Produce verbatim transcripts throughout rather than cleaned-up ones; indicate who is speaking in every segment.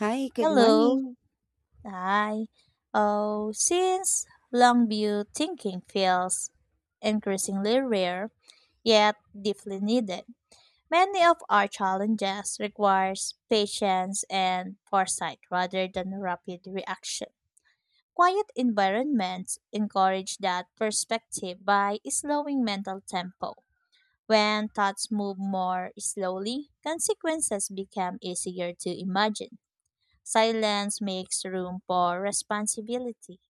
Speaker 1: Hi, good
Speaker 2: Hello.
Speaker 1: morning.
Speaker 2: Hi. Oh, since long-view thinking feels increasingly rare, yet deeply needed, many of our challenges requires patience and foresight rather than rapid reaction. Quiet environments encourage that perspective by slowing mental tempo. When thoughts move more slowly, consequences become easier to imagine. Silence makes room for responsibility,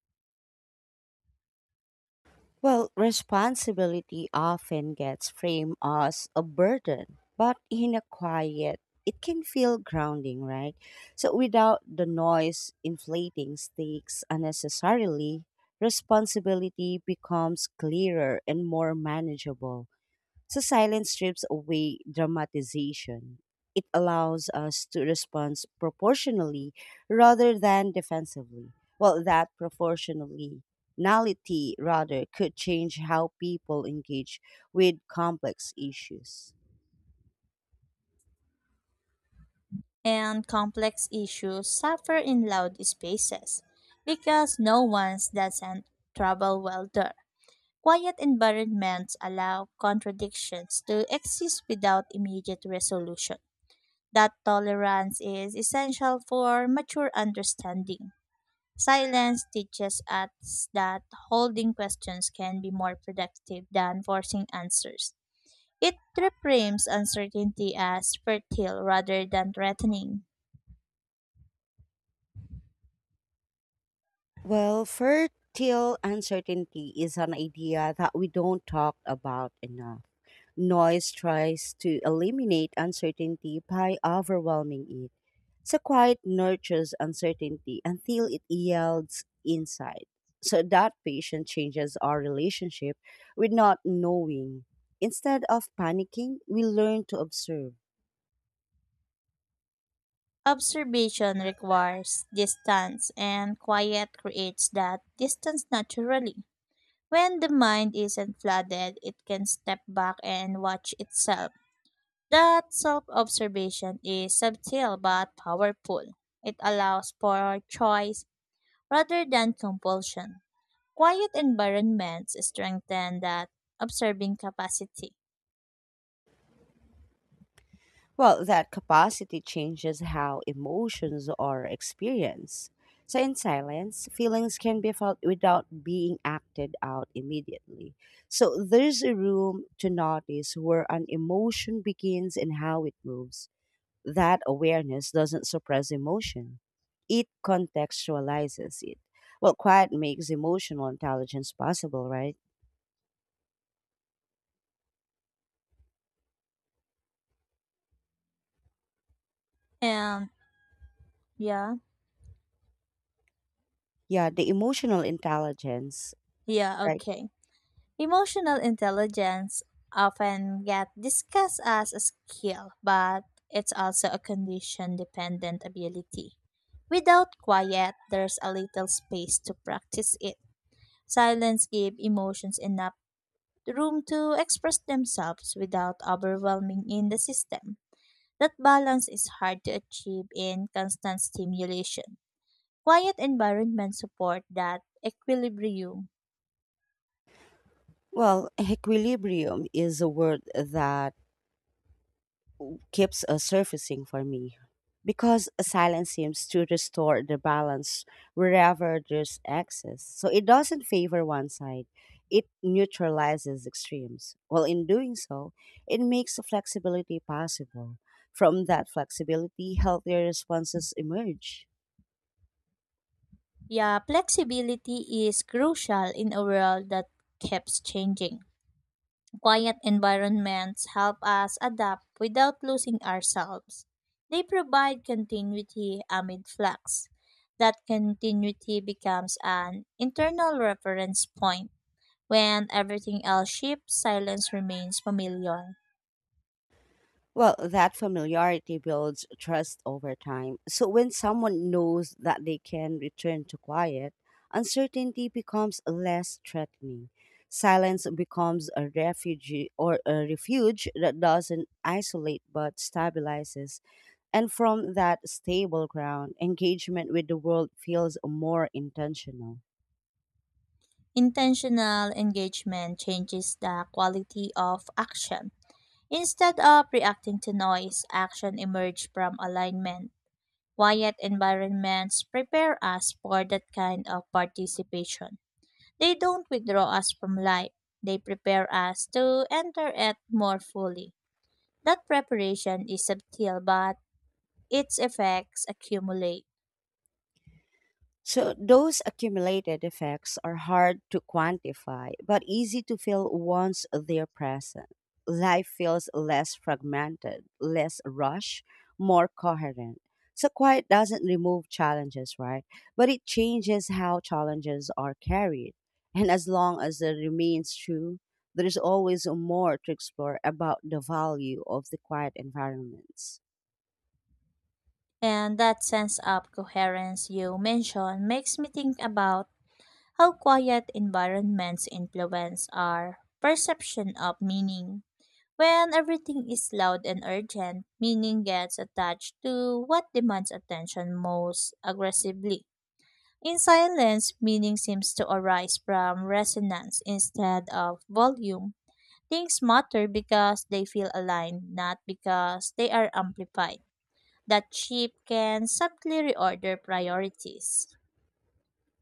Speaker 1: Well, responsibility often gets framed as a burden, but in a quiet, it can feel grounding, right? So, without the noise inflating stakes unnecessarily, responsibility becomes clearer and more manageable. So silence strips away dramatization. It allows us to respond proportionally rather than defensively. Well, that proportionally nality rather could change how people engage with complex issues.
Speaker 2: and complex issues suffer in loud spaces because no one doesn't travel well there. Quiet environments allow contradictions to exist without immediate resolution. That tolerance is essential for mature understanding. Silence teaches us that holding questions can be more productive than forcing answers. It reframes uncertainty as fertile rather than threatening.
Speaker 1: Well, fertile uncertainty is an idea that we don't talk about enough. Noise tries to eliminate uncertainty by overwhelming it. So quiet nurtures uncertainty until it yields insight. So that patient changes our relationship with not knowing. Instead of panicking, we learn to observe.
Speaker 2: Observation requires distance, and quiet creates that distance naturally. When the mind isn't flooded, it can step back and watch itself. That self observation is subtle but powerful. It allows for choice rather than compulsion. Quiet environments strengthen that observing capacity.
Speaker 1: Well, that capacity changes how emotions are experienced. So, in silence, feelings can be felt without being acted out immediately. So, there's a room to notice where an emotion begins and how it moves. That awareness doesn't suppress emotion. It contextualizes it. Well, quiet makes emotional intelligence possible, right?
Speaker 2: And yeah.
Speaker 1: Yeah, the emotional intelligence,
Speaker 2: Yeah,
Speaker 1: right?
Speaker 2: okay. Emotional intelligence often get discussed as a skill, but it's also a condition dependent ability. Without quiet, there's a little space to practice it. Silence gives emotions enough room to express themselves without overwhelming in the system. That balance is hard to achieve in constant stimulation. Quiet environments support that equilibrium.
Speaker 1: Well, equilibrium is a word that keeps uh, surfacing for me because silence seems to restore the balance wherever there's excess. So it doesn't favor one side, it neutralizes extremes. While in doing so, it makes flexibility possible. From that flexibility, healthier responses emerge.
Speaker 2: Yeah, flexibility is crucial in a world that keeps changing. Quiet environments help us adapt without losing ourselves. They provide continuity amid flux. That continuity becomes an internal reference point. When everything else shifts, silence remains familiar.
Speaker 1: Well, that familiarity builds trust over time. So when someone knows that they can return to quiet, uncertainty becomes less threatening. Silence becomes a refuge or a refuge that doesn't isolate but stabilizes. And from that stable ground, engagement with the world feels more intentional.
Speaker 2: Intentional engagement changes the quality of action. Instead of reacting to noise, action emerges from alignment. Quiet environments prepare us for that kind of participation. They don't withdraw us from life, they prepare us to enter it more fully. That preparation is subtle, but its effects accumulate.
Speaker 1: So those accumulated effects are hard to quantify, but easy to feel once they're present. Life feels less fragmented, less rushed, more coherent. So quiet doesn't remove challenges, right? But it changes how challenges are carried. And as long as it remains true, there is always more to explore about the value of the quiet environments.
Speaker 2: And that sense of coherence you mentioned makes me think about how quiet environments influence our perception of meaning. When everything is loud and urgent, meaning gets attached to what demands attention most aggressively. In silence, meaning seems to arise from resonance instead of volume. Things matter because they feel aligned, not because they are amplified. That shift can subtly reorder priorities.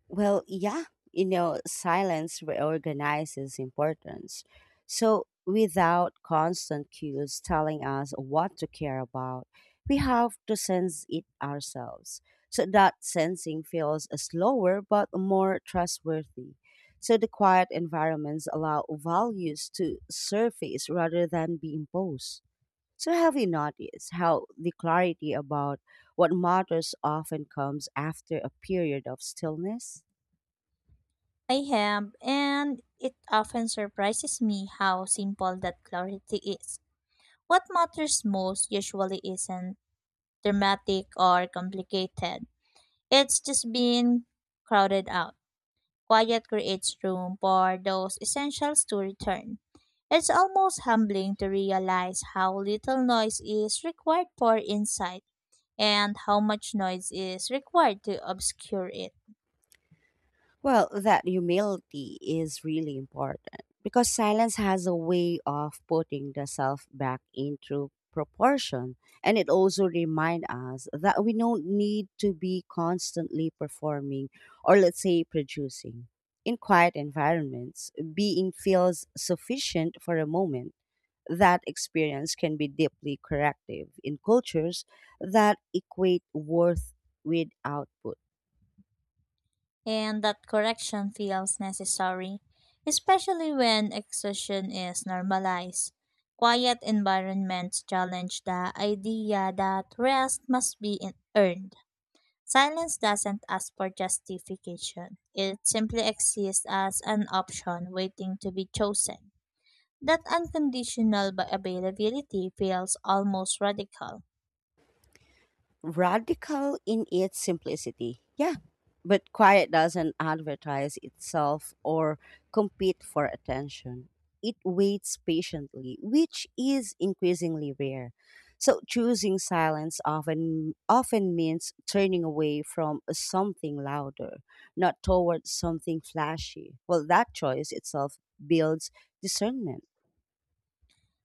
Speaker 1: Well, yeah, you know, silence reorganizes importance. So, without constant cues telling us what to care about, we have to sense it ourselves. So, that sensing feels slower but more trustworthy. So, the quiet environments allow values to surface rather than be imposed. So, have you noticed how the clarity about what matters often comes after a period of stillness?
Speaker 2: I have, and it often surprises me how simple that clarity is. What matters most usually isn't dramatic or complicated. It's just being crowded out. Quiet creates room for those essentials to return. It's almost humbling to realize how little noise is required for insight and how much noise is required to obscure it.
Speaker 1: Well, that humility is really important because silence has a way of putting the self back into proportion. And it also reminds us that we don't need to be constantly performing or, let's say, producing. In quiet environments, being feels sufficient for a moment. That experience can be deeply corrective in cultures that equate worth with output.
Speaker 2: And that correction feels necessary, especially when exhaustion is normalized. Quiet environments challenge the idea that rest must be in- earned. Silence doesn't ask for justification. It simply exists as an option waiting to be chosen. That unconditional ba- availability feels almost radical.
Speaker 1: Radical in its simplicity. Yeah, but quiet doesn't advertise itself or compete for attention. It waits patiently, which is increasingly rare. So choosing silence often often means turning away from something louder, not towards something flashy. Well, that choice itself builds discernment.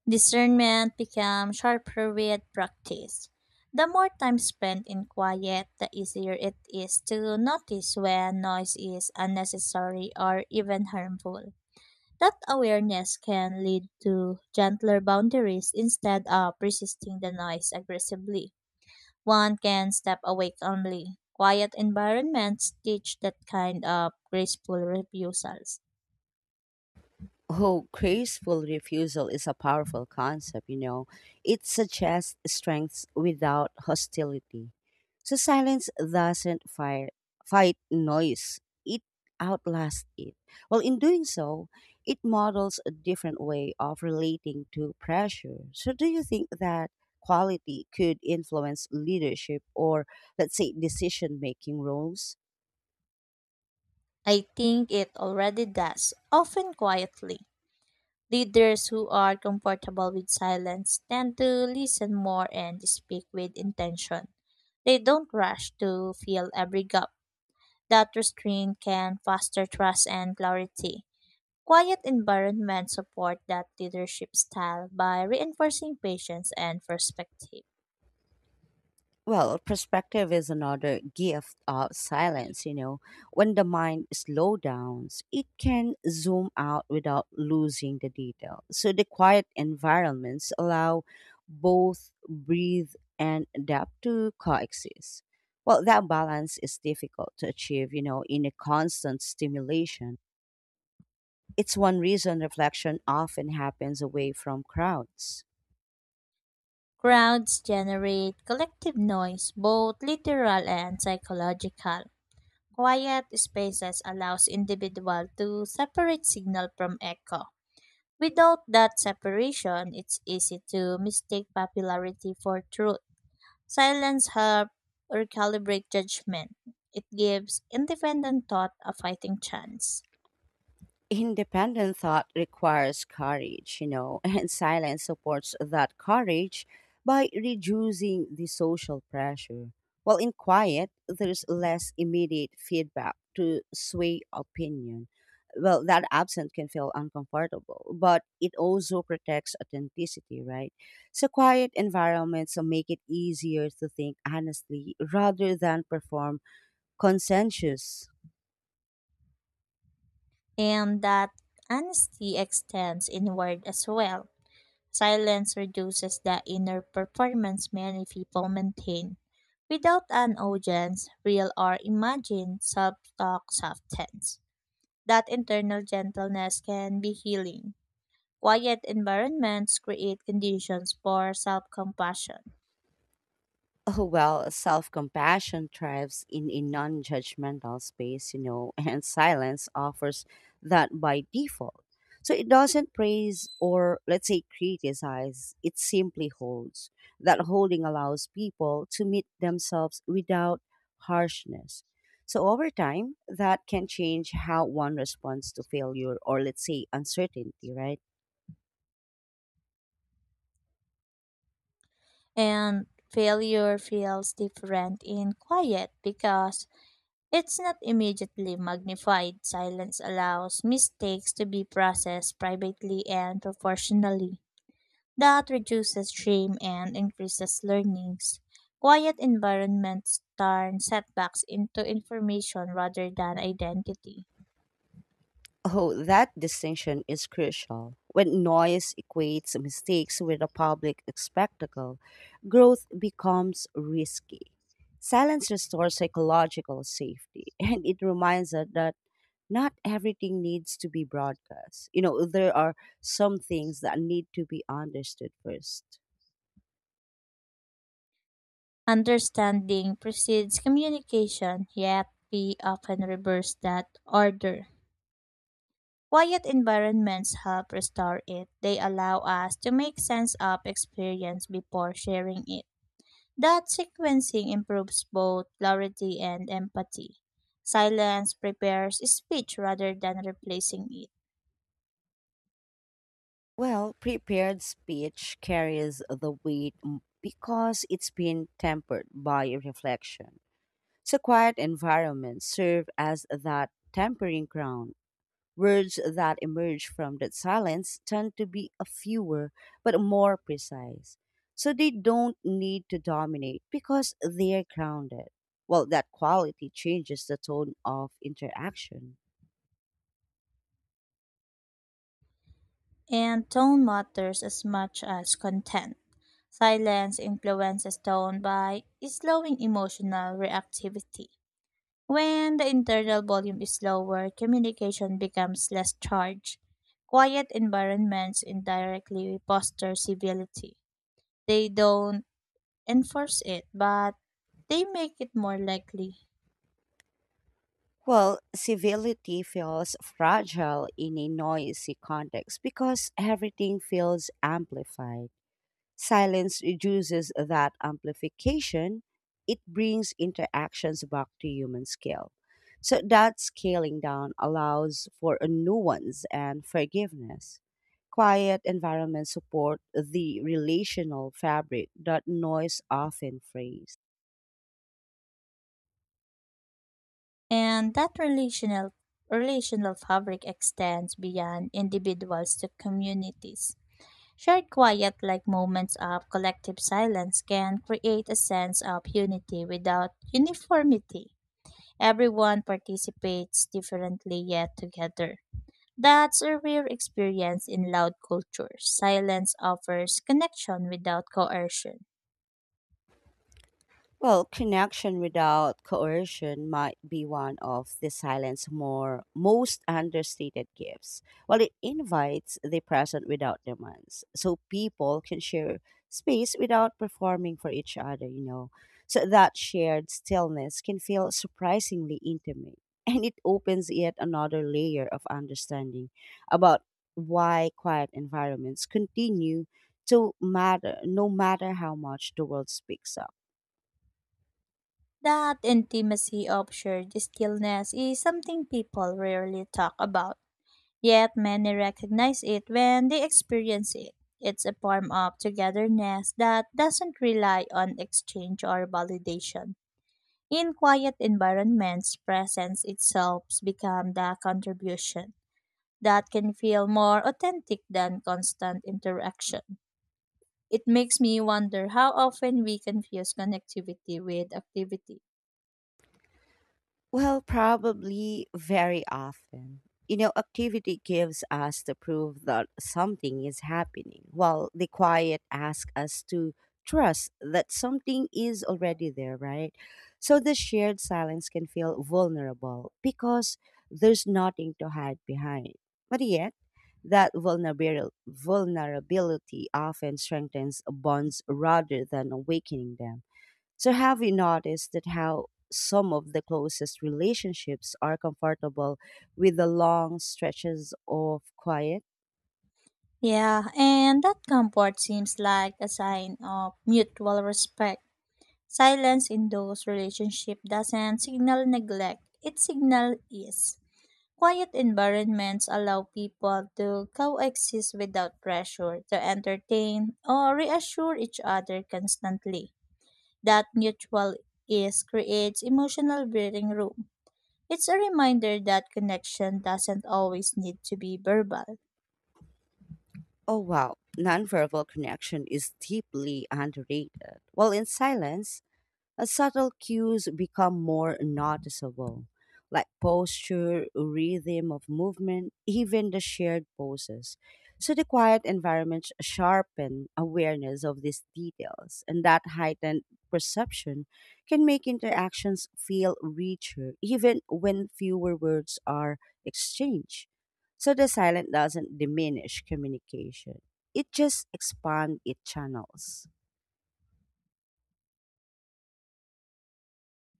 Speaker 2: Discernment becomes sharper with practice. The more time spent in quiet, the easier it is to notice when noise is unnecessary or even harmful. That awareness can lead to gentler boundaries instead of resisting the noise aggressively. One can step away calmly. Quiet environments teach that kind of graceful refusals.
Speaker 1: Oh, graceful refusal is a powerful concept, you know. It suggests strengths without hostility. So silence doesn't fire fight noise. It outlasts it. Well, in doing so, it models a different way of relating to pressure. So do you think that quality could influence leadership or, let's say, decision making roles?
Speaker 2: I think it already does, often quietly. Leaders who are comfortable with silence tend to listen more and speak with intention. They don't rush to fill every gap. That restraint can foster trust and clarity. Quiet environments support that leadership style by reinforcing patience and perspective.
Speaker 1: Well, perspective is another gift of silence, you know. When the mind slows down, it can zoom out without losing the detail. So the quiet environments allow both breathe and depth to coexist. Well, that balance is difficult to achieve, you know, in a constant stimulation. It's one reason reflection often happens away from crowds.
Speaker 2: Crowds generate collective noise, both literal and psychological. Quiet spaces allows individual to separate signal from echo. Without that separation, it's easy to mistake popularity for truth. Silence helps recalibrate judgment. It gives independent thought a fighting chance.
Speaker 1: Independent thought requires courage, you know, and silence supports that courage by reducing the social pressure. While in quiet, there's less immediate feedback to sway opinion. Well, that absence can feel uncomfortable, but it also protects authenticity, right? So, quiet environments make it easier to think honestly rather than perform consensus.
Speaker 2: And that honesty extends inward as well. Silence reduces the inner performance many people maintain. Without an audience, real or imagined, self-talk softens. That internal gentleness can be healing. Quiet environments create conditions for self-compassion.
Speaker 1: Oh, well, self compassion thrives in a non judgmental space, you know, and silence offers that by default. So it doesn't praise or, let's say, criticize, it simply holds. That holding allows people to meet themselves without harshness. So over time, that can change how one responds to failure or, let's say, uncertainty, right?
Speaker 2: And failure feels different in quiet because it's not immediately magnified. Silence allows mistakes to be processed privately and proportionally. That reduces shame and increases learnings. Quiet environments turn setbacks into information rather than identity.
Speaker 1: Oh, that distinction is crucial. When noise equates mistakes with a public spectacle, growth becomes risky. Silence restores psychological safety, and it reminds us that not everything needs to be broadcast. You know, there are some things that need to be understood first.
Speaker 2: Understanding precedes communication, yet we often reverse that order. Quiet environments help restore it. They allow us to make sense of experience before sharing it. That sequencing improves both clarity and empathy. Silence prepares speech rather than replacing it,
Speaker 1: Well, prepared speech carries the weight m- because it's been tempered by reflection. So, quiet environments serve as that tempering ground. Words that emerge from that silence tend to be a fewer but more precise. So they don't need to dominate because they're grounded. Well, that quality changes the tone of interaction.
Speaker 2: and tone matters as much as content. Silence influences tone by slowing emotional reactivity. When the internal volume is lower, communication becomes less charged. Quiet environments indirectly foster civility. They don't enforce it, but they make it more likely.
Speaker 1: Well, civility feels fragile in a noisy context because everything feels amplified. Silence reduces that amplification. It brings interactions back to human scale. So that scaling down allows for a nuance and forgiveness. Quiet environments support the relational fabric that noise often frays.
Speaker 2: And that relational relational fabric extends beyond individuals to communities. Shared quiet like moments of collective silence can create a sense of unity without uniformity. Everyone participates differently yet together. That's a rare experience in loud culture. Silence offers connection without coercion.
Speaker 1: Well, connection without coercion might be one of the silent's more most understated gifts. Well, it invites the present without demands, so people can share space without performing for each other. You know, so that shared stillness can feel surprisingly intimate, and it opens yet another layer of understanding about why quiet environments continue to matter, no matter how much the world speaks up.
Speaker 2: That intimacy of shared stillness is something people rarely talk about, yet many recognize it when they experience it. It's a form of togetherness that doesn't rely on exchange or validation. In quiet environments, presence itself becomes the contribution that can feel more authentic than constant interaction. It makes me wonder how often we confuse connectivity with activity.
Speaker 1: Well, probably very often. You know, activity gives us the proof that something is happening, while the quiet asks us to trust that something is already there, right? So the shared silence can feel vulnerable because there's nothing to hide behind. But yet, that vulnerabil- vulnerability often strengthens bonds rather than awakening them. So have you noticed that how some of the closest relationships are comfortable with the long stretches of quiet?
Speaker 2: Yeah, and that comfort seems like a sign of mutual respect. Silence in those relationships doesn't signal neglect, it signals ease. Quiet environments allow people to coexist without pressure to entertain or reassure each other constantly. That mutual ease creates emotional breathing room. It's a reminder that connection doesn't always need to be verbal.
Speaker 1: Oh wow, nonverbal connection is deeply underrated. While in silence, as subtle cues become more noticeable, like posture, rhythm of movement, even the shared poses. So the quiet environment sharpen awareness of these details, and that heightened perception can make interactions feel richer, even when fewer words are exchanged. So the silent doesn't diminish communication; it just expands its channels.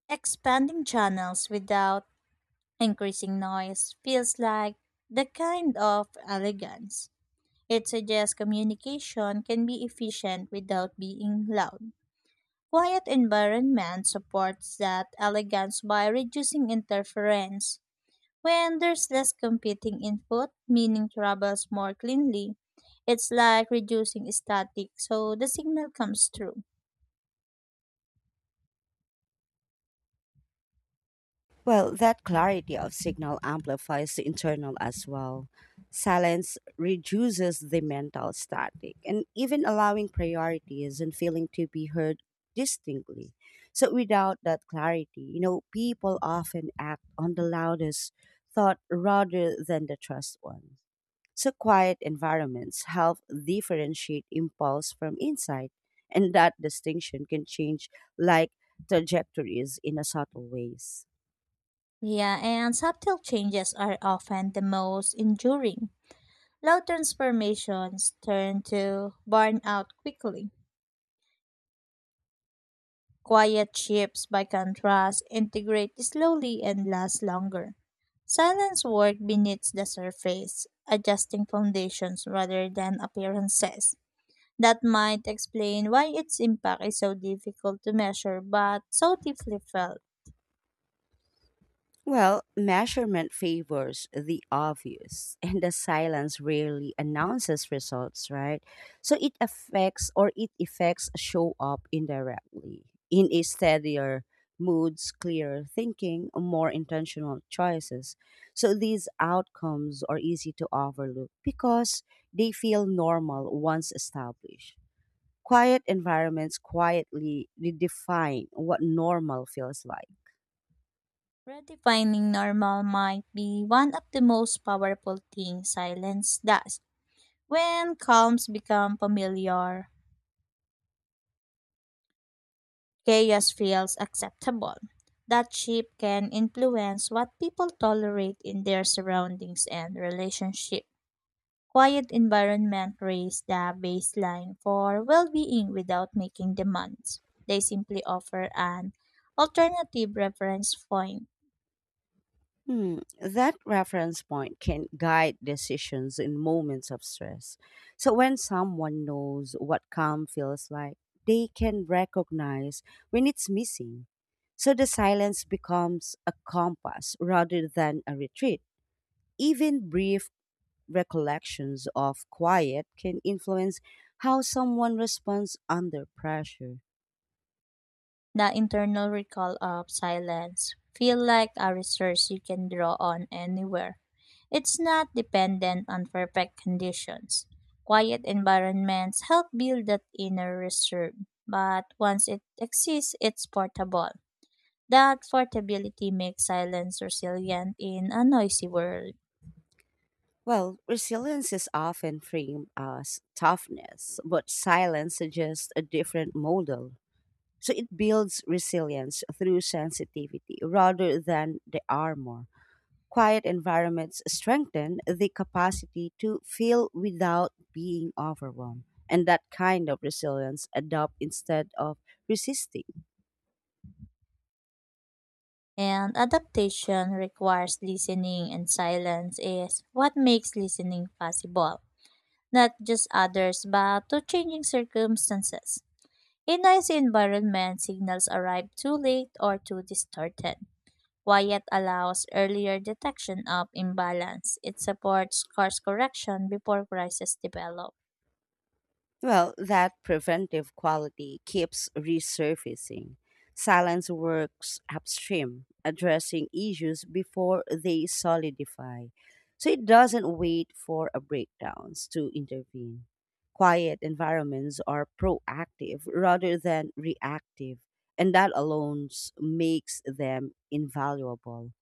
Speaker 2: Expanding channels without increasing noise feels like the kind of elegance. It suggests communication can be efficient without being loud. Quiet environment supports that elegance by reducing interference. When there's less competing input, meaning travels more cleanly. It's like reducing static, so the signal comes through.
Speaker 1: Well, that clarity of signal amplifies the internal as well. Silence reduces the mental static and even allowing priorities and feeling to be heard distinctly. So, without that clarity, you know, people often act on the loudest thought rather than the trust one. So, quiet environments help differentiate impulse from insight, and that distinction can change like trajectories in a subtle ways.
Speaker 2: Yeah, and subtle changes are often the most enduring. Low transformations turn to burnout quickly. Quiet shifts, by contrast, integrate slowly and last longer. Silence work beneath the surface, adjusting foundations rather than appearances. That might explain why its impact is so difficult to measure but so deeply felt.
Speaker 1: Well, measurement favors the obvious, and the silence rarely announces results, right? So it affects or it effects show up indirectly in a steadier moods, clearer thinking, more intentional choices. So these outcomes are easy to overlook because they feel normal once established. Quiet environments quietly redefine what normal feels like.
Speaker 2: Redefining normal might be one of the most powerful things silence does. When calms become familiar, chaos feels acceptable. That shift can influence what people tolerate in their surroundings and relationship. Quiet environment raise the baseline for well-being without making demands. They simply offer an alternative reference point.
Speaker 1: Hmm, that reference point can guide decisions in moments of stress. So, when someone knows what calm feels like, they can recognize when it's missing. So, the silence becomes a compass rather than a retreat. Even brief recollections of quiet can influence how someone responds under pressure.
Speaker 2: The internal recall of silence feel like a resource you can draw on anywhere. It's not dependent on perfect conditions. Quiet environments help build that inner reserve, but once it exists, it's portable. That portability makes silence resilient in a noisy world.
Speaker 1: Well, resilience is often framed as toughness, but silence suggests a different model. So it builds resilience through sensitivity rather than the armor. Quiet environments strengthen the capacity to feel without being overwhelmed. And that kind of resilience adopt instead of resisting.
Speaker 2: And adaptation requires listening, and silence is what makes listening possible, not just others, but to changing circumstances. In noisy environments, signals arrive too late or too distorted. Wyatt allows earlier detection of imbalance. It supports course correction before crises develop.
Speaker 1: Well, that preventive quality keeps resurfacing. Silence works upstream, addressing issues before they solidify. So it doesn't wait for a breakdowns to intervene. Quiet environments are proactive rather than reactive, and that alone s- makes them invaluable.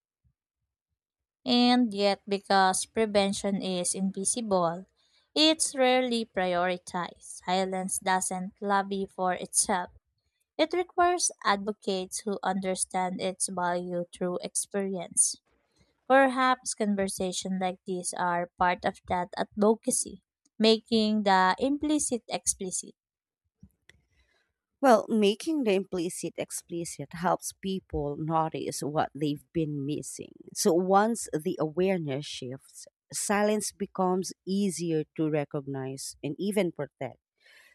Speaker 2: And yet, because prevention is invisible, it's rarely prioritized. Silence doesn't lobby for itself. It requires advocates who understand its value through experience. Perhaps conversations like these are part of that advocacy, making the implicit explicit.
Speaker 1: Well, making the implicit explicit helps people notice what they've been missing. So once the awareness shifts, silence becomes easier to recognize and even protect.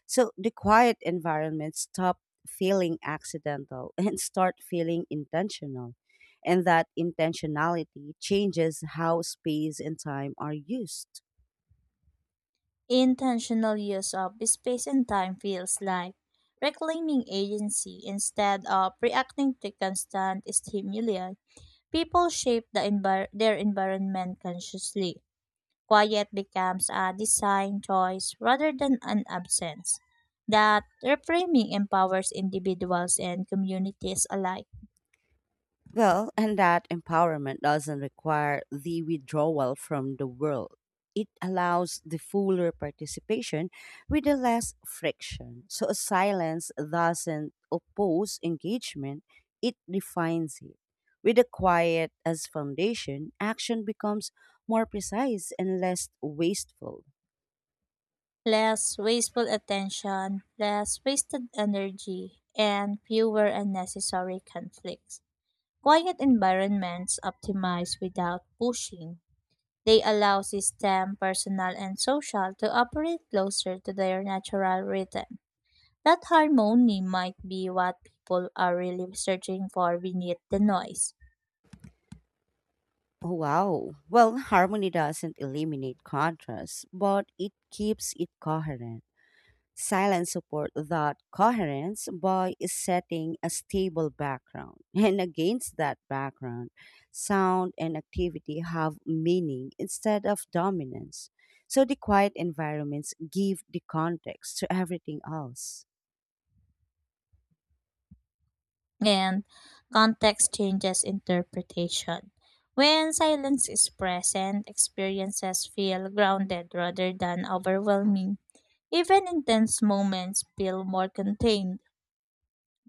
Speaker 1: So the quiet environment stop feeling accidental and start feeling intentional. And that intentionality changes how space and time are used.
Speaker 2: Intentional use of space and time feels like reclaiming agency instead of reacting to constant stimuli. People shape the envir- their environment consciously. Quiet becomes a design choice rather than an absence. That reframing empowers individuals and communities alike.
Speaker 1: Well, and that empowerment doesn't require the withdrawal from the world. It allows the fuller participation with the less friction. So silence doesn't oppose engagement, it defines it. With the quiet as foundation, action becomes more precise and less wasteful.
Speaker 2: Less wasteful attention, less wasted energy, and fewer unnecessary conflicts. Quiet environments optimize without pushing. They allow system, personal, and social to operate closer to their natural rhythm. That harmony might be what people are really searching for beneath the noise.
Speaker 1: Oh, wow. Well, harmony doesn't eliminate contrast, but it keeps it coherent. Silence support that coherence by setting a stable background. And against that background, sound and activity have meaning instead of dominance. So the quiet environments give the context to everything else.
Speaker 2: And context changes interpretation. When silence is present, experiences feel grounded rather than overwhelming. Even intense moments feel more contained.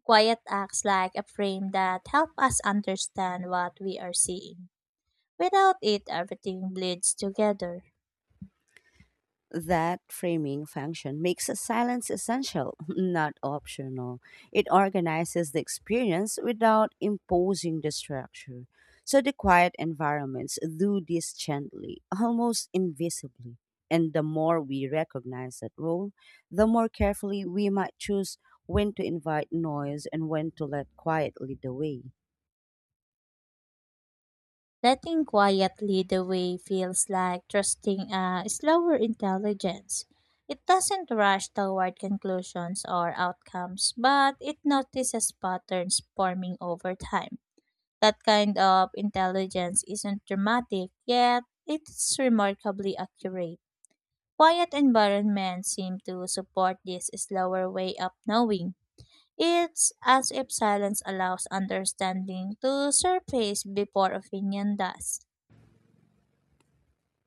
Speaker 2: Quiet acts like a frame that help us understand what we are seeing. Without it, everything bleeds together.
Speaker 1: That framing function makes a silence essential, not optional. It organizes the experience without imposing the structure. So the quiet environments do this gently, almost invisibly. And the more we recognize that role, the more carefully we might choose when to invite noise and when to let quiet lead the way.
Speaker 2: Letting quiet lead the way feels like trusting a slower intelligence. It doesn't rush toward conclusions or outcomes, but it notices patterns forming over time. That kind of intelligence isn't dramatic, yet it's remarkably accurate. Quiet environments seem to support this slower way of knowing. It's as if silence allows understanding to surface before opinion does.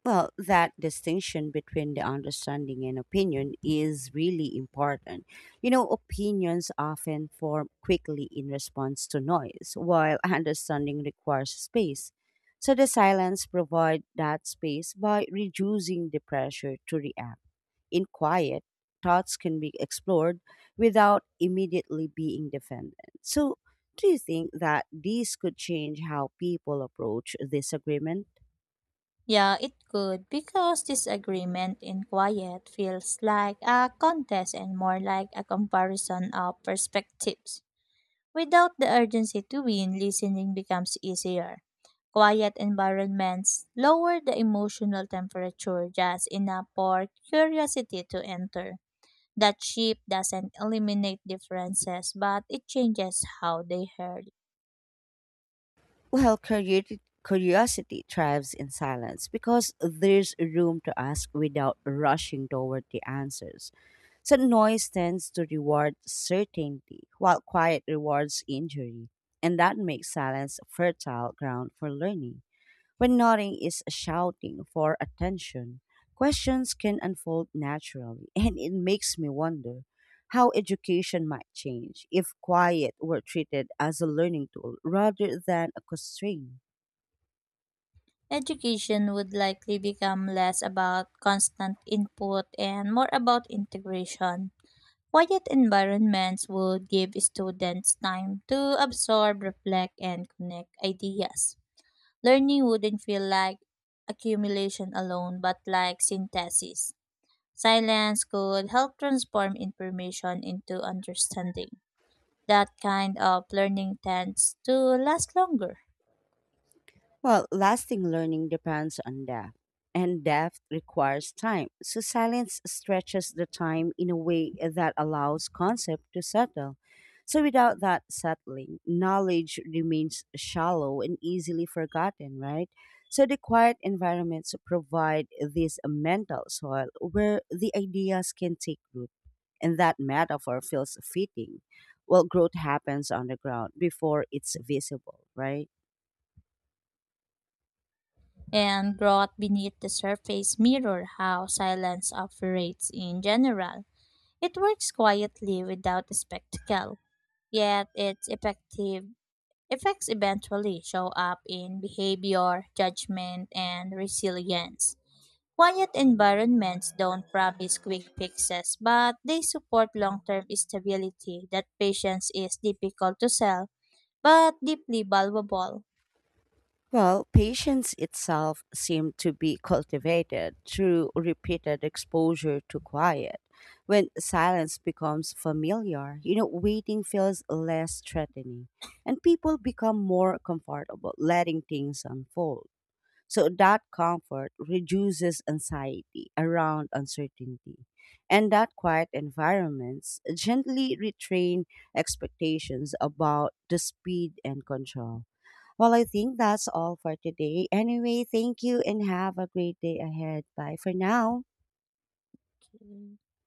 Speaker 1: Well, that distinction between the understanding and opinion is really important. You know, opinions often form quickly in response to noise, while understanding requires space. So the silence provides that space by reducing the pressure to react. In quiet, thoughts can be explored without immediately being defended. So, do you think that this could change how people approach disagreement?
Speaker 2: Yeah, it could because disagreement in quiet feels like a contest and more like a comparison of perspectives. Without the urgency to win, listening becomes easier. Quiet environments lower the emotional temperature just enough for curiosity to enter. That shift doesn't eliminate differences, but it changes how they heard.
Speaker 1: Well, curiosity, curiosity thrives in silence because there's room to ask without rushing toward the answers. So, noise tends to reward certainty, while quiet rewards injury. And that makes silence fertile ground for learning. When nodding is shouting for attention, questions can unfold naturally, and it makes me wonder how education might change if quiet were treated as a learning tool rather than a constraint.
Speaker 2: Education would likely become less about constant input and more about integration. Quiet environments would give students time to absorb, reflect, and connect ideas. Learning wouldn't feel like accumulation alone, but like synthesis. Silence could help transform information into understanding. That kind of learning tends to last longer.
Speaker 1: Well, lasting learning depends on depth, and depth requires time. So, silence stretches the time in a way that allows concept to settle. So, without that settling, knowledge remains shallow and easily forgotten, right? So, the quiet environments provide this mental soil where the ideas can take root, and that metaphor feels fitting. Well, growth happens on the ground before it's visible, right?
Speaker 2: And growth beneath the surface mirror how silence operates in general. It works quietly without a spectacle, yet its effective effects eventually show up in behavior, judgment, and resilience. Quiet environments don't promise quick fixes, but they support long-term stability that patience is difficult to sell, but deeply valuable.
Speaker 1: Well, patience itself seemed to be cultivated through repeated exposure to quiet. When silence becomes familiar, you know, waiting feels less threatening and people become more comfortable letting things unfold. So that comfort reduces anxiety around uncertainty. And that quiet environments gently retrain expectations about the speed and control. Well, I think that's all for today. Anyway, thank you and have a great day ahead. Bye for now.
Speaker 2: Okay.